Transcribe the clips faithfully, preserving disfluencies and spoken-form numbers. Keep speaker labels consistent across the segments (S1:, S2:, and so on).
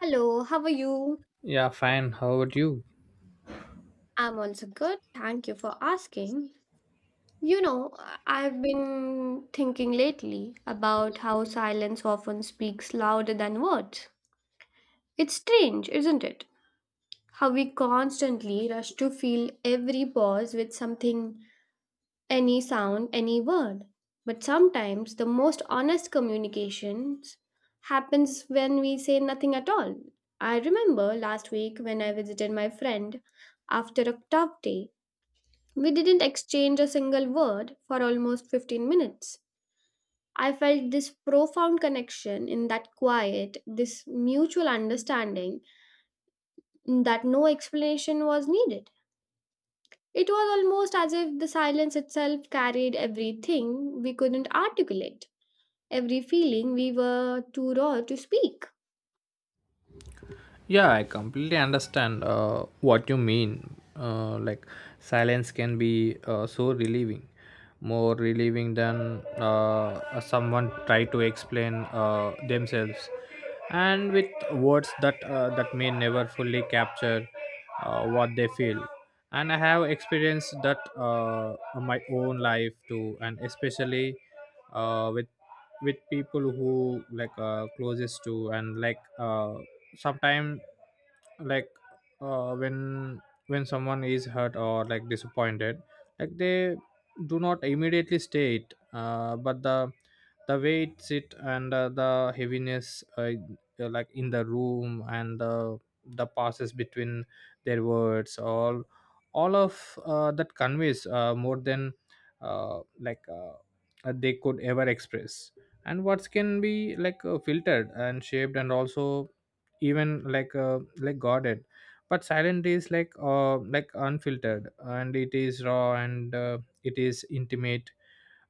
S1: Hello, how are you?
S2: Yeah, fine. How about you?
S1: I'm also good. Thank you for asking. You know, I- have been thinking lately about how silence often speaks louder than words. It's strange, isn't it? How we constantly rush to fill every pause with something, any sound, any word. But sometimes the most honest communications happens when we say nothing at all. I remember last week when I visited my friend after a tough day. We didn't exchange a single word for almost fifteen minutes. I felt this profound connection in that quiet, this mutual understanding that no explanation was needed. It was almost as if the silence itself carried everything we couldn't articulate, every feeling we were too raw to speak.
S2: Yeah, I completely understand uh, what you mean. Uh, like, silence can be uh, so relieving, more relieving than uh, someone try to explain uh, themselves, and with words that uh, that may never fully capture uh, what they feel. And I have experienced that uh, on my own life too, and especially uh, with with people who like uh, closest to and like. Uh, sometimes like uh, when when someone is hurt or like disappointed, like they do not immediately stay it, uh, but the the way it sit, and uh, the heaviness, uh, uh, like in the room, and the the passes between their words, all all of uh, that conveys uh, more than uh, like uh, uh, they could ever express. And words can be like uh, filtered and shaped, and also even like uh, like guarded, but silent is like uh like unfiltered, and it is raw, and uh, it is intimate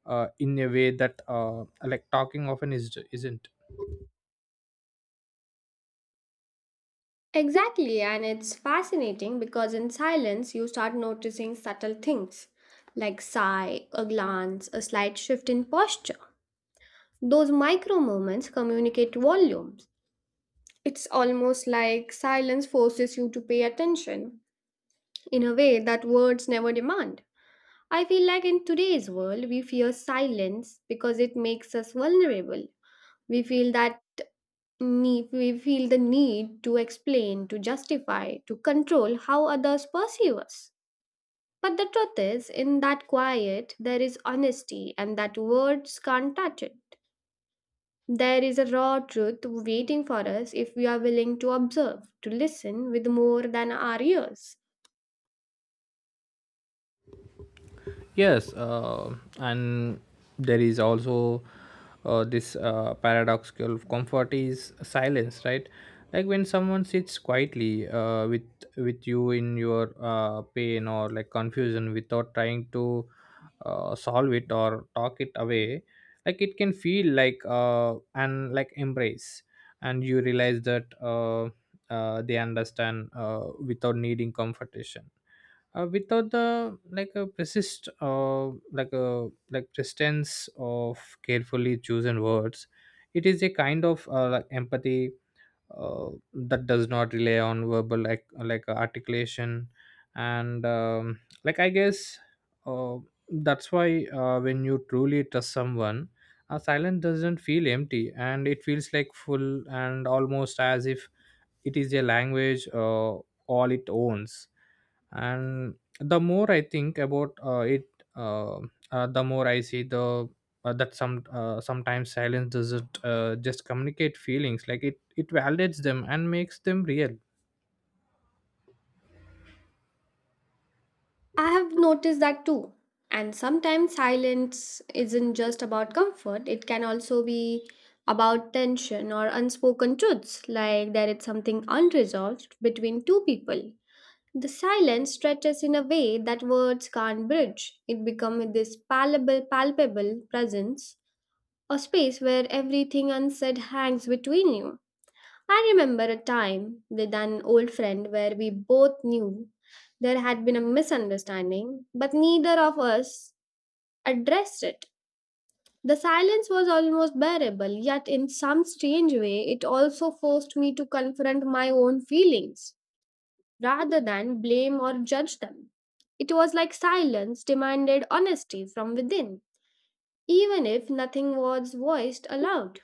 S2: uh, in a way that uh, like talking often is isn't.
S1: Exactly, and it's fascinating because in silence you start noticing subtle things like sigh, a glance, a slight shift in posture. Those micro moments communicate volumes. It's almost like silence forces you to pay attention in a way that words never demand. I feel like in today's world, we fear silence because it makes us vulnerable. We feel that need, we feel the need to explain, to justify, to control how others perceive us. But the truth is, in that quiet, there is honesty, and that words can't touch it. There is a raw truth waiting for us if we are willing to observe, to listen with more than our ears.
S2: Yes, uh, and there is also uh, this uh, paradoxical comfort is silence, right? Like when someone sits quietly uh, with with you in your uh, pain or like confusion, without trying to uh, solve it or talk it away, like it can feel like uh, and like embrace, and you realize that uh, uh, they understand uh, without needing comfortation, uh, without the like a persist uh, like a like persistence of carefully chosen words. It is a kind of uh, like empathy uh, that does not rely on verbal like like articulation. And um, like I guess uh, that's why uh, when you truly trust someone, a silence doesn't feel empty, and it feels like full, and almost as if it is a language uh, all it owns. And the more I think about uh, it, uh, uh, the more I see the uh, that some uh, sometimes silence doesn't uh, just communicate feelings, like it it validates them and makes them real.
S1: I have noticed that too. And sometimes silence isn't just about comfort, it can also be about tension or unspoken truths, like there is something unresolved between two people. The silence stretches in a way that words can't bridge. It becomes this palpable, palpable presence, a space where everything unsaid hangs between you. I remember a time with an old friend where we both knew there had been a misunderstanding, but neither of us addressed it. The silence was almost bearable, yet, in some strange way, it also forced me to confront my own feelings rather than blame or judge them. It was like silence demanded honesty from within, even if nothing was voiced aloud.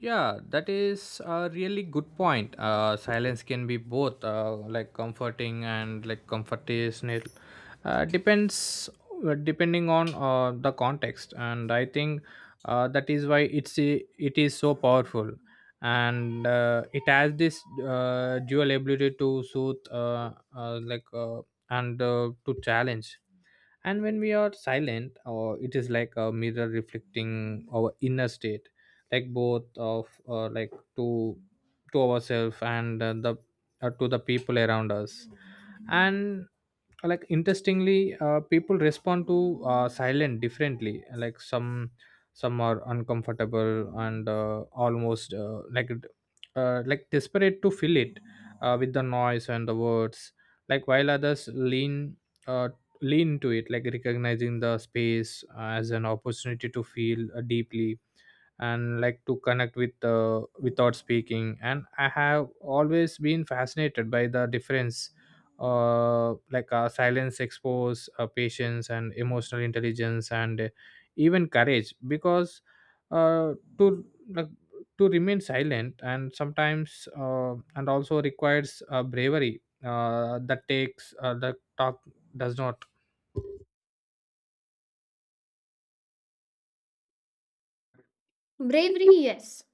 S2: Yeah, that is a really good point. Uh, silence can be both uh, like comforting and like comfortational. Uh, depends uh, depending on uh, the context, and I think uh, that is why it's a- it is so powerful, and uh, it has this uh, dual ability to soothe, uh, uh, like uh, and uh, to challenge. And when we are silent, uh, it is like a mirror reflecting our inner state, like both of uh, like to to ourselves, and uh, the uh, to the people around us. And like interestingly uh, people respond to uh, silent differently, like some some are uncomfortable, and uh, almost uh, like uh, like desperate to fill it uh, with the noise and the words, like while others lean uh, lean to it, like recognizing the space uh, as an opportunity to feel uh, deeply, and like to connect with uh, without speaking. And I have always been fascinated by the difference, uh, like uh, silence expose uh, patience and emotional intelligence, and uh, even courage, because uh, to like, to remain silent, and sometimes uh, and also requires uh, bravery uh, that takes uh, the talk does not.
S1: Bravery, yes.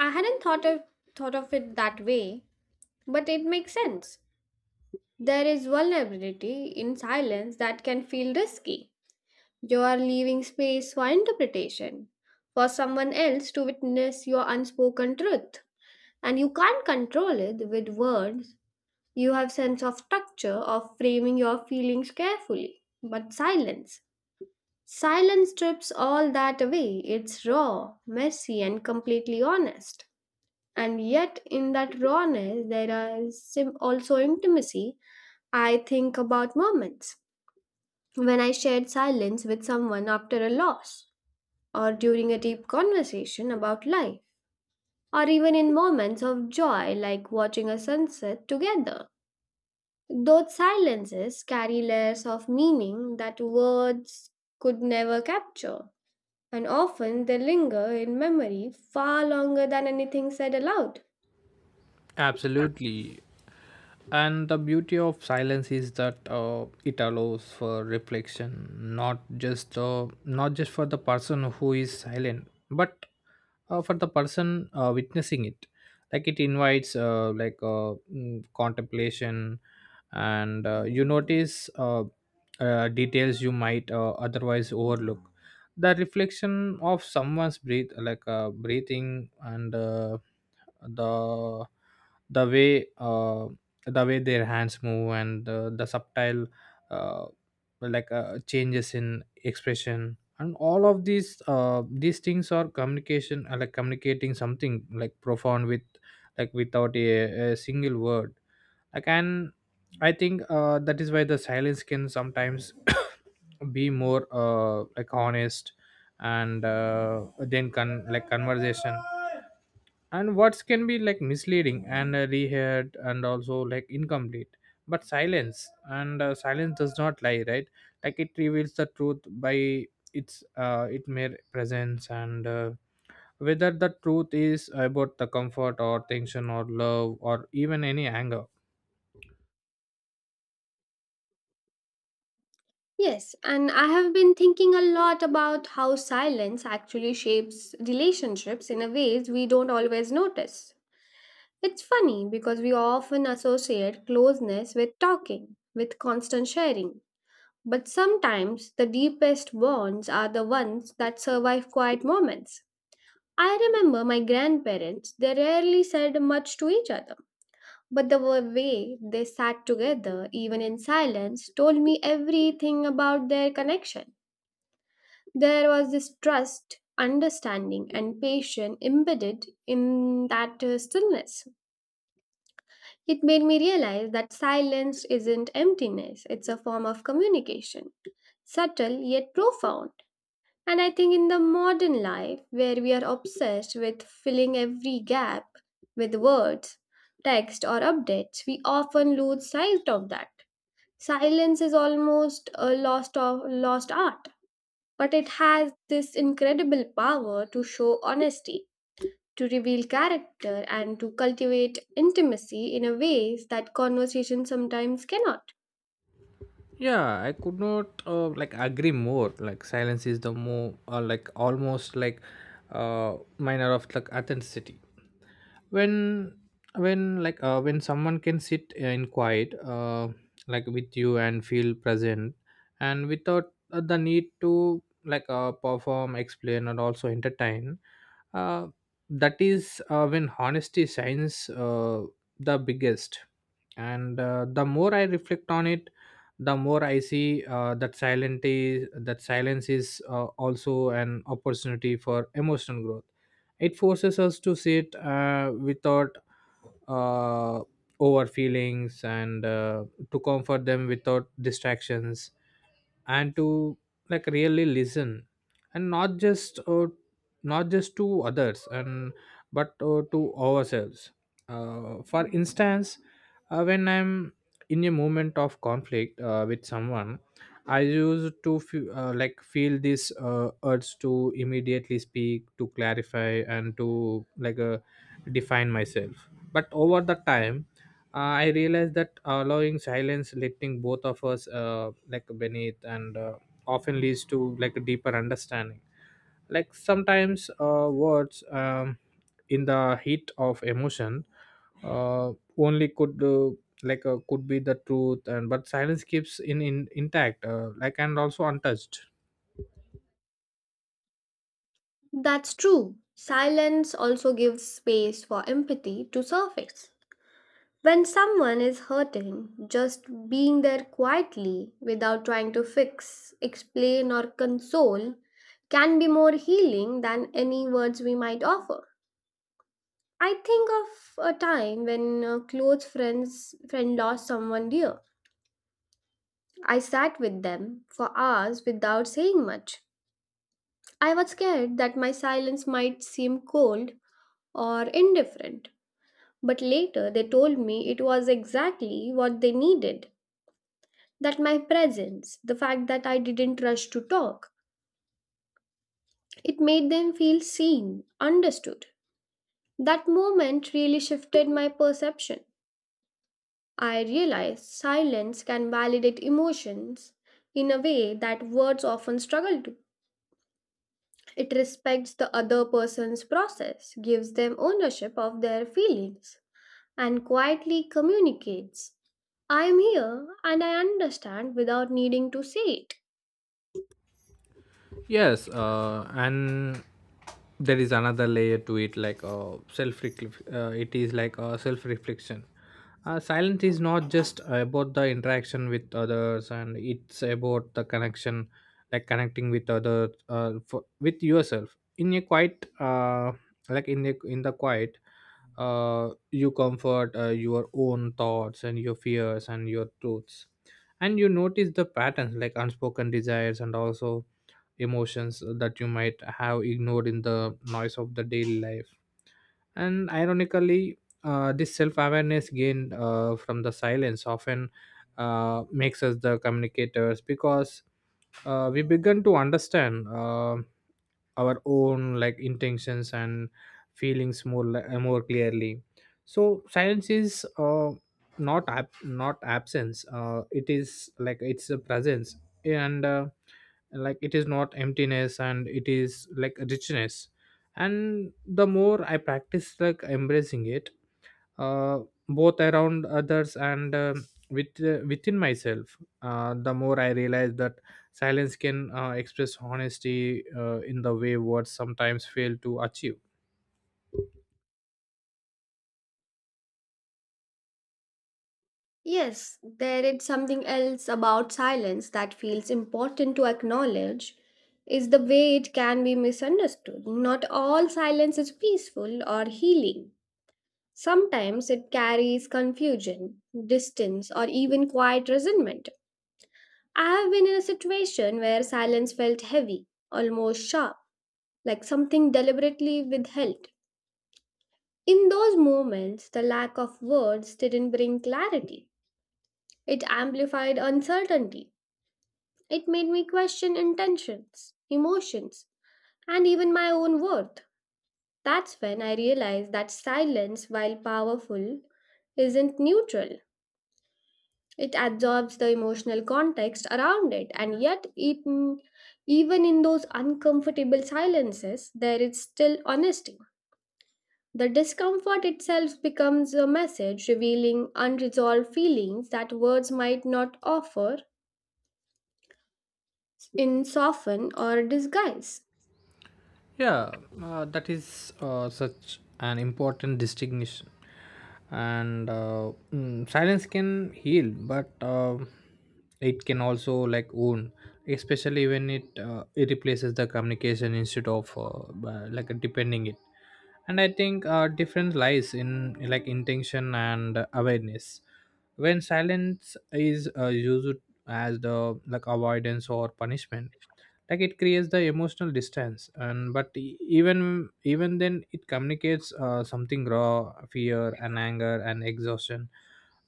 S1: I hadn't thought of, Thought of it that way. But it makes sense. There is vulnerability in silence that can feel risky. You are leaving space for interpretation, for someone else to witness your unspoken truth. And you can't control it with words. You have sense of structure of framing your feelings carefully. But silence. Silence strips all that away. It's raw, messy, and completely honest, and yet in that rawness there is sim- also intimacy. I think about moments when I shared silence with someone after a loss, or during a deep conversation about life, or even in moments of joy like watching a sunset together. Those silences carry layers of meaning that words could never capture, and often they linger in memory far longer than anything said aloud.
S2: Absolutely. And the beauty of silence is that uh, it allows for reflection, not just uh, not just for the person who is silent, but uh, for the person uh, witnessing it. Like it invites uh, like uh, mm, contemplation, and uh, you notice uh, uh, details you might uh, otherwise overlook. The reflection of someone's breath, like uh, breathing, and uh, the the way. Uh, the way their hands move, and uh, the subtle uh, like uh, changes in expression, and all of these uh, these things are communication, uh, like communicating something like profound, with like without a, a single word. Like and I think uh, that is why the silence can sometimes be more uh, like honest, and uh, then con- like conversation. And words can be like misleading, and uh, reheard, and also like incomplete, but silence, and uh, silence does not lie, right? Like it reveals the truth by its uh, its mere presence, and uh, whether the truth is about the comfort or tension or love or even any anger.
S1: Yes, and I have been thinking a lot about how silence actually shapes relationships in a ways we don't always notice. It's funny because we often associate closeness with talking, with constant sharing. But sometimes the deepest bonds are the ones that survive quiet moments. I remember my grandparents, they rarely said much to each other, but the wa- way they sat together, even in silence, told me everything about their connection. There was this trust, understanding, and patience embedded in that uh, stillness. It made me realize that silence isn't emptiness, it's a form of communication, subtle yet profound. And I think in the modern life, where we are obsessed with filling every gap with words, text, or updates, we often lose sight of that. Silence is almost a lost, of, lost art, but it has this incredible power to show honesty, to reveal character, and to cultivate intimacy in a ways that conversation sometimes cannot.
S2: Yeah, I could not uh, like agree more. Like silence is the more uh, like almost like uh, minor of like authenticity. When when like uh, when someone can sit uh, in quiet, uh, like with you and feel present, and without uh, the need to like uh, perform, explain, and also entertain, uh, that is uh, when honesty shines uh, the biggest. And uh, the more I reflect on it, the more I see uh, that silent is that silence is uh, also an opportunity for emotional growth. It forces us to sit uh, without uh, over feelings, and uh, to comfort them without distractions, and to like really listen, and not just uh, not just to others, and but uh, to ourselves. Uh, for instance, uh, when I'm in a moment of conflict uh, with someone, I used to fe- uh, like feel this uh, urge to immediately speak, to clarify and to like uh, define myself. But over the time uh, I realized that allowing silence lifting both of us uh, like beneath, and uh, often leads to like a deeper understanding. Like sometimes uh, words um, in the heat of emotion uh, only could uh, like uh, could be the truth. And but silence keeps in, in intact, uh, like and also untouched.
S1: That's true. Silence also gives space for empathy to surface. When someone is hurting, just being there quietly without trying to fix, explain, or console can be more healing than any words we might offer. I think of a time when a close friends friend lost someone dear. I sat with them for hours without saying much. I was scared that my silence might seem cold or indifferent, but later they told me it was exactly what they needed. That my presence, the fact that I didn't rush to talk, it made them feel seen, understood. That moment really shifted my perception. I realized silence can validate emotions in a way that words often struggle to. It respects the other person's process, gives them ownership of their feelings, and quietly communicates, I am here and I understand without needing to say it.
S2: Yes, uh, and there is another layer to it, like uh, self. Uh, it is like uh, self reflection. Uh, silence is not just about the interaction with others, and it's about the connection, like connecting with others, uh, for, with yourself. In a quiet, uh, like in the in the quiet, uh, you comfort uh, your own thoughts and your fears and your truths, and you notice the patterns like unspoken desires, and also emotions that you might have ignored in the noise of the daily life. And ironically uh, this self-awareness gained uh, from the silence often uh, makes us the communicators, because uh, we begin to understand uh, our own like intentions and feelings more li- uh, more clearly. So silence is uh, not ab- not absence, uh, it is like it's a presence, and uh, like it is not emptiness, and it is like a richness. And the more I practice like embracing it, uh, both around others, and uh, with uh, within myself, uh, the more I realize that silence can uh, express honesty uh, in the way words sometimes fail to achieve.
S1: Yes, there is something else about silence that feels important to acknowledge is the way it can be misunderstood. Not all silence is peaceful or healing. Sometimes it carries confusion, distance, or even quiet resentment. I have been in a situation where silence felt heavy, almost sharp, like something deliberately withheld. In those moments, the lack of words didn't bring clarity. It amplified uncertainty. It made me question intentions, emotions, and even my own worth. That's when I realized that silence, while powerful, isn't neutral. It absorbs the emotional context around it, and yet, it, mm, even in those uncomfortable silences, there is still honesty. The discomfort itself becomes a message revealing unresolved feelings that words might not offer in soften or disguise.
S2: Yeah, uh, that is uh, such an important distinction. And uh, mm, silence can heal, but uh, it can also like wound, especially when it uh, it replaces the communication instead of uh, by- like depending it. And I think uh, difference lies in like intention and awareness. When silence is uh, used as the like avoidance or punishment, like it creates the emotional distance. And but e- even even then it communicates uh, something raw, fear and anger and exhaustion,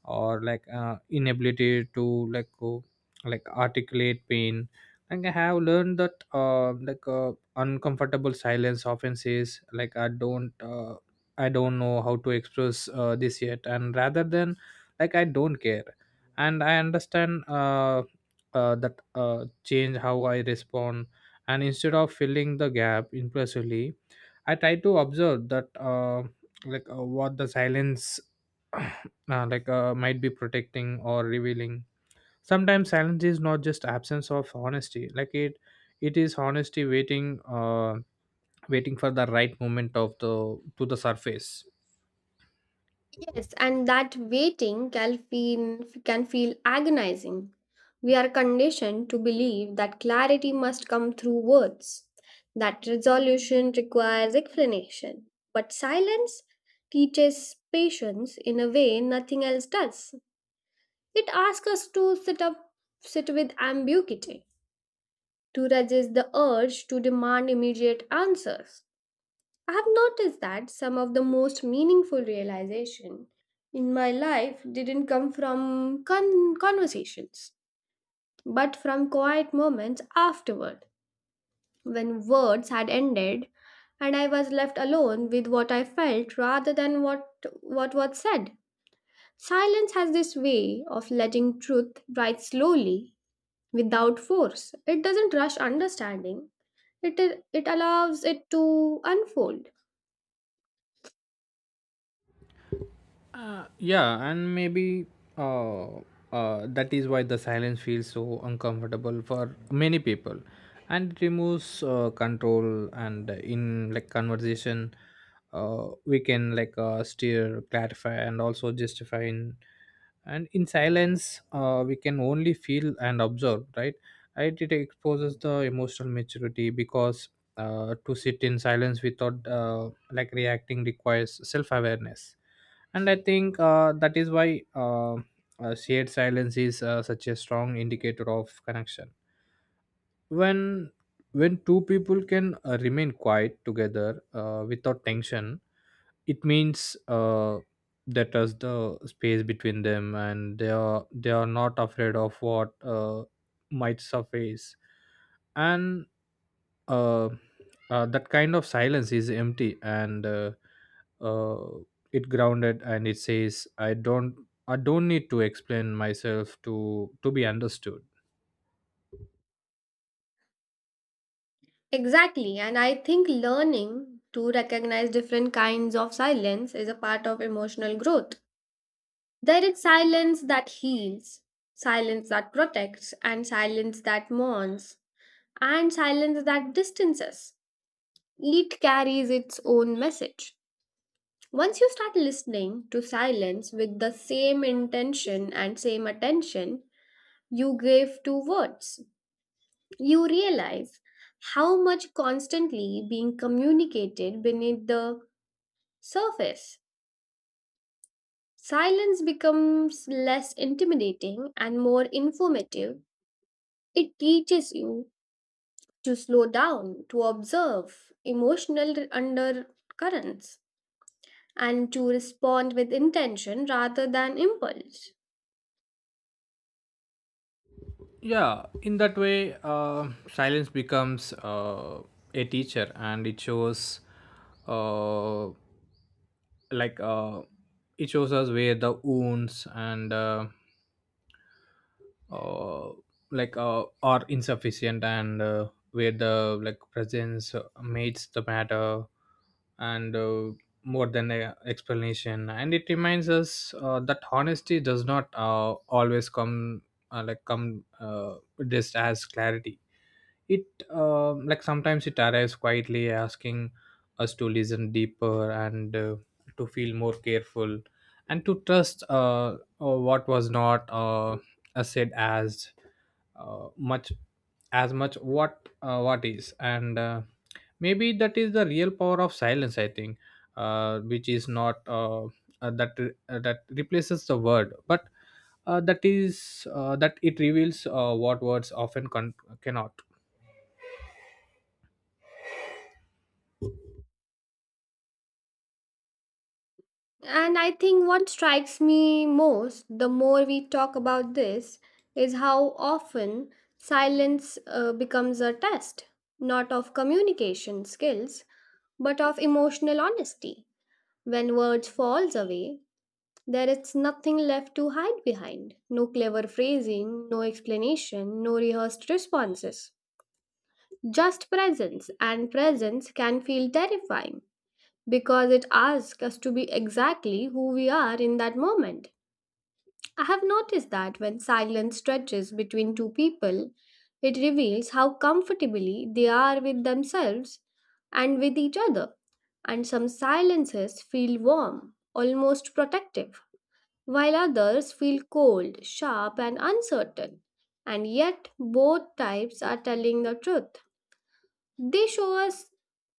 S2: or like uh, inability to like go like articulate pain. Like I have learned that uh, like uh, uncomfortable silence often says, like, i don't uh, i don't know how to express uh, this yet, and rather than like I don't care. And I understand uh, uh, that uh, change how I respond. And instead of filling the gap impulsively, I try to observe that uh, like uh, what the silence uh, like uh, might be protecting or revealing. Sometimes silence is not just absence of honesty. Like it, it is honesty waiting, uh, waiting for the right moment of the to the surface.
S1: Yes, and that waiting can feel, can feel agonizing. We are conditioned to believe that clarity must come through words, that resolution requires explanation. But silence teaches patience in a way nothing else does. It asks us to sit up, sit with ambiguity, to resist the urge to demand immediate answers. I have noticed that some of the most meaningful realization in my life didn't come from con- conversations, but from quiet moments afterward, when words had ended and I was left alone with what I felt rather than what, what was said. Silence has this way of letting truth rise slowly without force. It doesn't rush understanding. It, it allows it to unfold.
S2: Yeah, and maybe uh, uh, that is why the silence feels so uncomfortable for many people, and it removes uh, control. And in like conversation, uh, we can like uh, steer, clarify and also justify in And in silence, uh, we can only feel and observe, right? Right, it exposes the emotional maturity because uh, to sit in silence without uh, like reacting requires self-awareness. And I think uh, that is why uh, uh, shared silence is uh, such a strong indicator of connection. When when two people can uh, remain quiet together uh, without tension, it means uh, that is the space between them, and they are they are not afraid of what uh, might surface. And uh, uh, that kind of silence is empty, and uh, uh, it grounded, and it says i don't i don't need to explain myself to to be understood.
S1: Exactly, and I think learning to recognize different kinds of silence is a part of emotional growth. There is silence that heals, silence that protects, and silence that mourns, and silence that distances. Each carries its own message. Once you start listening to silence with the same intention and same attention you gave to words, you realize how much constantly being communicated beneath the surface. Silence becomes less intimidating and more informative. It teaches you to slow down, to observe emotional undercurrents, and to respond with intention rather than impulse.
S2: Yeah, in that way, uh, silence becomes uh, a teacher, and it shows uh, like uh, it shows us where the wounds and uh, uh, like uh, are insufficient, and uh, where the like presence uh, meets the matter and uh, more than a explanation. And it reminds us uh, that honesty does not uh, always come uh, like come uh, just as clarity. It um like sometimes it arrives quietly, asking us to listen deeper and uh, to feel more careful, and to trust uh, uh, what was not uh, uh, said as uh, much as much what uh, what is. And uh, maybe that is the real power of silence, I think, uh, which is not uh, uh, that uh, that replaces the word but uh, that is uh, that it reveals uh, what words often con- cannot.
S1: And I think what strikes me most the more we talk about this is how often silence uh, becomes a test, not of communication skills, but of emotional honesty. When words falls away, there is nothing left to hide behind. No clever phrasing, no explanation, no rehearsed responses. Just presence, and presence can feel terrifying because it asks us to be exactly who we are in that moment. I have noticed that when silence stretches between two people, it reveals how comfortably they are with themselves and with each other. And some silences feel warm, almost protective, while others feel cold, sharp, and uncertain. And yet, both types are telling the truth. They show us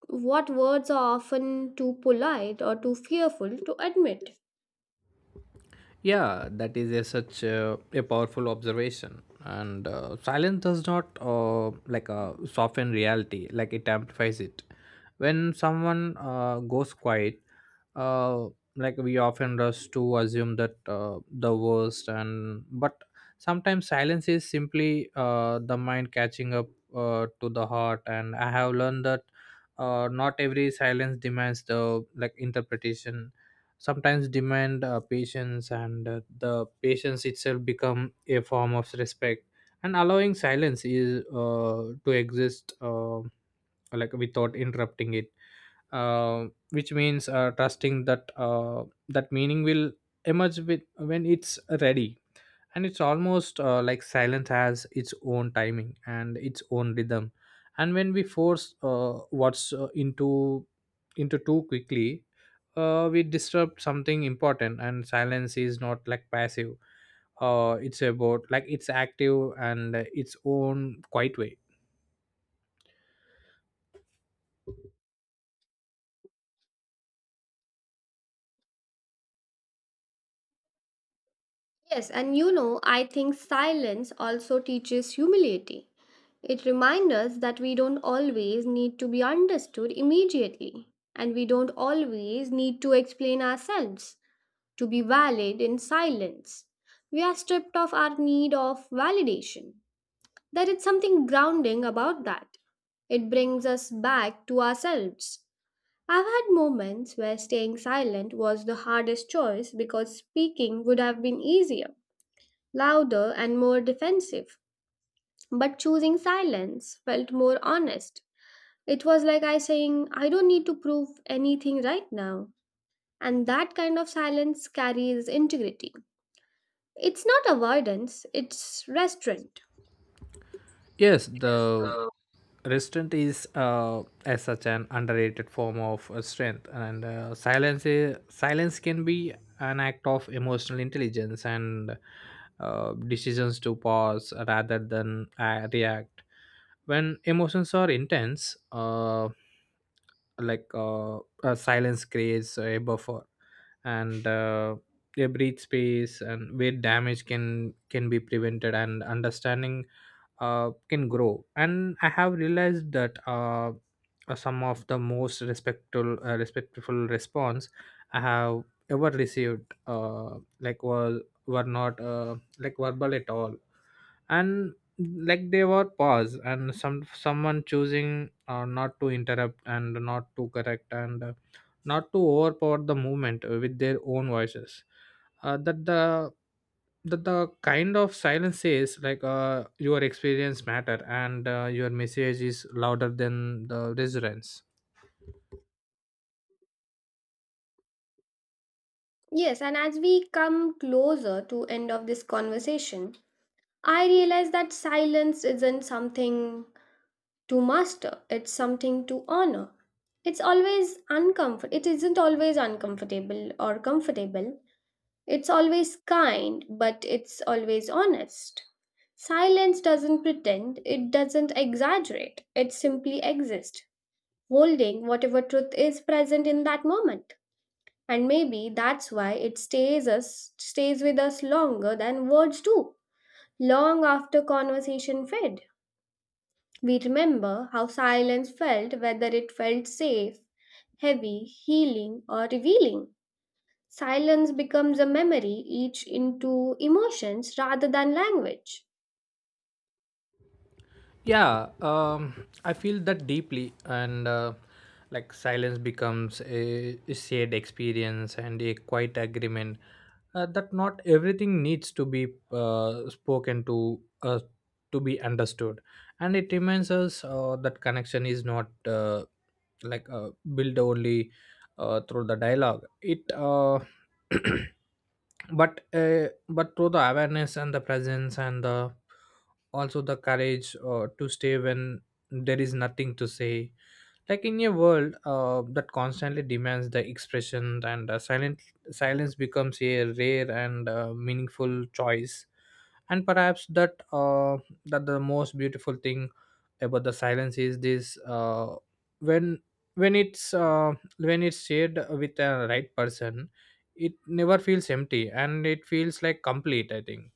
S1: what words are often too polite or too fearful to admit.
S2: Yeah, that is a, such a, a powerful observation. And uh, silence does not uh, like uh, soften reality, like it amplifies it. When someone uh, goes quiet, uh, like we often rush to assume that uh, the worst, and but sometimes silence is simply uh, the mind catching up uh, to the heart. And I have learned that uh, not every silence demands the like interpretation. Sometimes demand uh, patience, and uh, the patience itself become a form of respect. And allowing silence is uh, to exist uh, like without interrupting it, uh, which means uh, trusting that uh, that meaning will emerge with when it's ready. And it's almost uh, like silence has its own timing and its own rhythm. And when we force uh, what's uh, into into too quickly, uh, we disrupt something important. And silence is not like passive, uh, it's about like it's active and uh, its own quiet way.
S1: Yes, and you know, I think silence also teaches humility. It reminds us that we don't always need to be understood immediately, and we don't always need to explain ourselves to be valid in silence. We are stripped of our need of validation. There is something grounding about that. It brings us back to ourselves. I've had moments where staying silent was the hardest choice because speaking would have been easier, louder and more defensive. But choosing silence felt more honest. It was like I saying, I don't need to prove anything right now. And that kind of silence carries integrity. It's not avoidance, it's restraint.
S2: Yes, the restraint is, uh, as such, an underrated form of uh, strength. And uh, silence is, silence can be an act of emotional intelligence and uh, decisions to pause rather than uh, react. When emotions are intense, uh, like uh, uh, silence creates a buffer, and uh, a breathe space, and where damage can can be prevented, and understanding uh, can grow. And I have realized that uh, uh, some of the most respectful uh, respectful response I have ever received uh, like were were not uh, like verbal at all. And like they were pause, and some someone choosing uh, not to interrupt and not to correct, and uh, not to overpower the movement uh, with their own voices. uh, that the that the kind of silence says like uh, your experience matter, and uh, your message is louder than the resonance.
S1: Yes, and as we come closer to end of this conversation, I realize that silence isn't something to master, it's something to honor. It's always uncomfort it isn't always uncomfortable or comfortable, it's always kind but it's always honest. Silence doesn't pretend, it doesn't exaggerate, it simply exists, holding whatever truth is present in that moment. And maybe that's why it stays us stays with us longer than words do, long after conversation fade. We remember how silence felt, whether it felt safe, heavy, healing, or revealing. Silence becomes a memory, each into emotions rather than language.
S2: Yeah, um, I feel that deeply. And uh, like silence becomes a shared experience and a quiet agreement uh, that not everything needs to be uh, spoken to uh, to be understood. And it reminds us uh, that connection is not uh, like uh, built only uh, through the dialogue it uh, but uh, but through the awareness and the presence, and the also the courage uh, to stay when there is nothing to say. Like in a world uh, that constantly demands the expression, and uh, silent silence becomes a rare and uh, meaningful choice. And perhaps that uh, that the most beautiful thing about the silence is this, uh, when when it's uh, when it's shared with the right person, it never feels empty and it feels like complete, I think.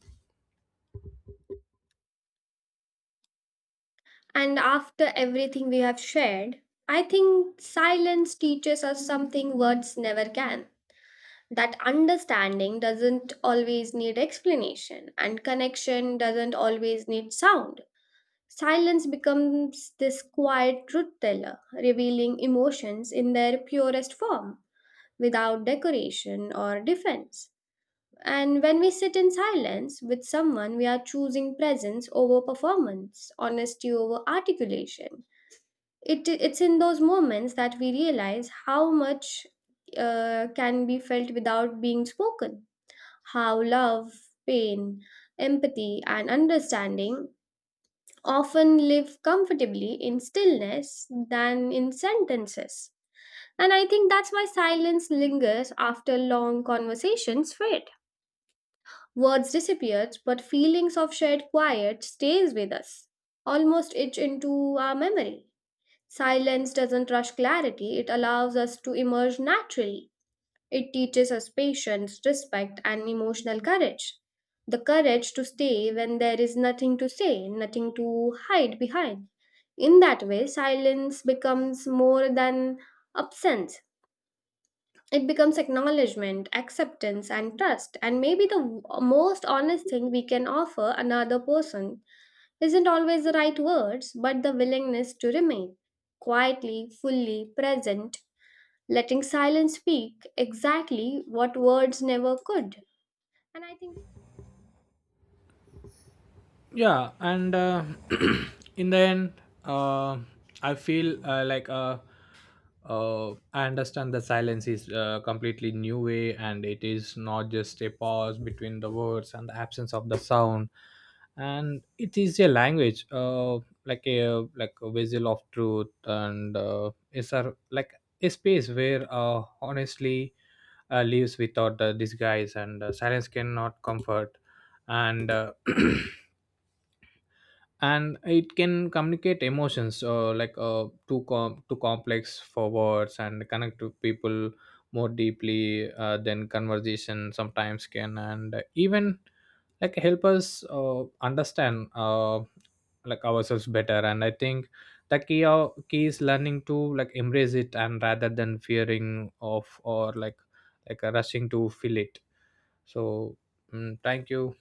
S1: And after everything we have shared, I think silence teaches us something words never can. That understanding doesn't always need explanation, and connection doesn't always need sound. Silence becomes this quiet truth teller, revealing emotions in their purest form, without decoration or defense. And when we sit in silence with someone, we are choosing presence over performance, honesty over articulation. It, it's in those moments that we realize how much uh, can be felt without being spoken, how love, pain, empathy, and understanding often live comfortably in stillness than in sentences. And I think that's why silence lingers after long conversations fade. Words disappear, but feelings of shared quiet stays with us, almost etched into our memory. Silence doesn't rush clarity, it allows us to emerge naturally. It teaches us patience, respect, and emotional courage. The courage to stay when there is nothing to say, nothing to hide behind. In that way, silence becomes more than absence. It becomes acknowledgement, acceptance, and trust. And maybe the w- most honest thing we can offer another person isn't always the right words, but the willingness to remain quietly, fully present, letting silence speak exactly what words never could. And I think
S2: Yeah, and uh, in the end, uh, I feel uh, like uh, uh, I understand that silence is a completely new way, and it is not just a pause between the words and the absence of the sound. And it is a language, uh, like a like a vessel of truth. And uh, it's a like a space where uh, honestly uh, lives without the disguise. And uh, silence cannot comfort. And uh, and it can communicate emotions uh, like uh, too com- too complex for words, and connect to people more deeply uh, than conversation sometimes can, and even like help us uh, understand uh, like ourselves better. And I think the key o- key is learning to like embrace it, and rather than fearing of, or like like uh, rushing to fill it. So, mm, thank you.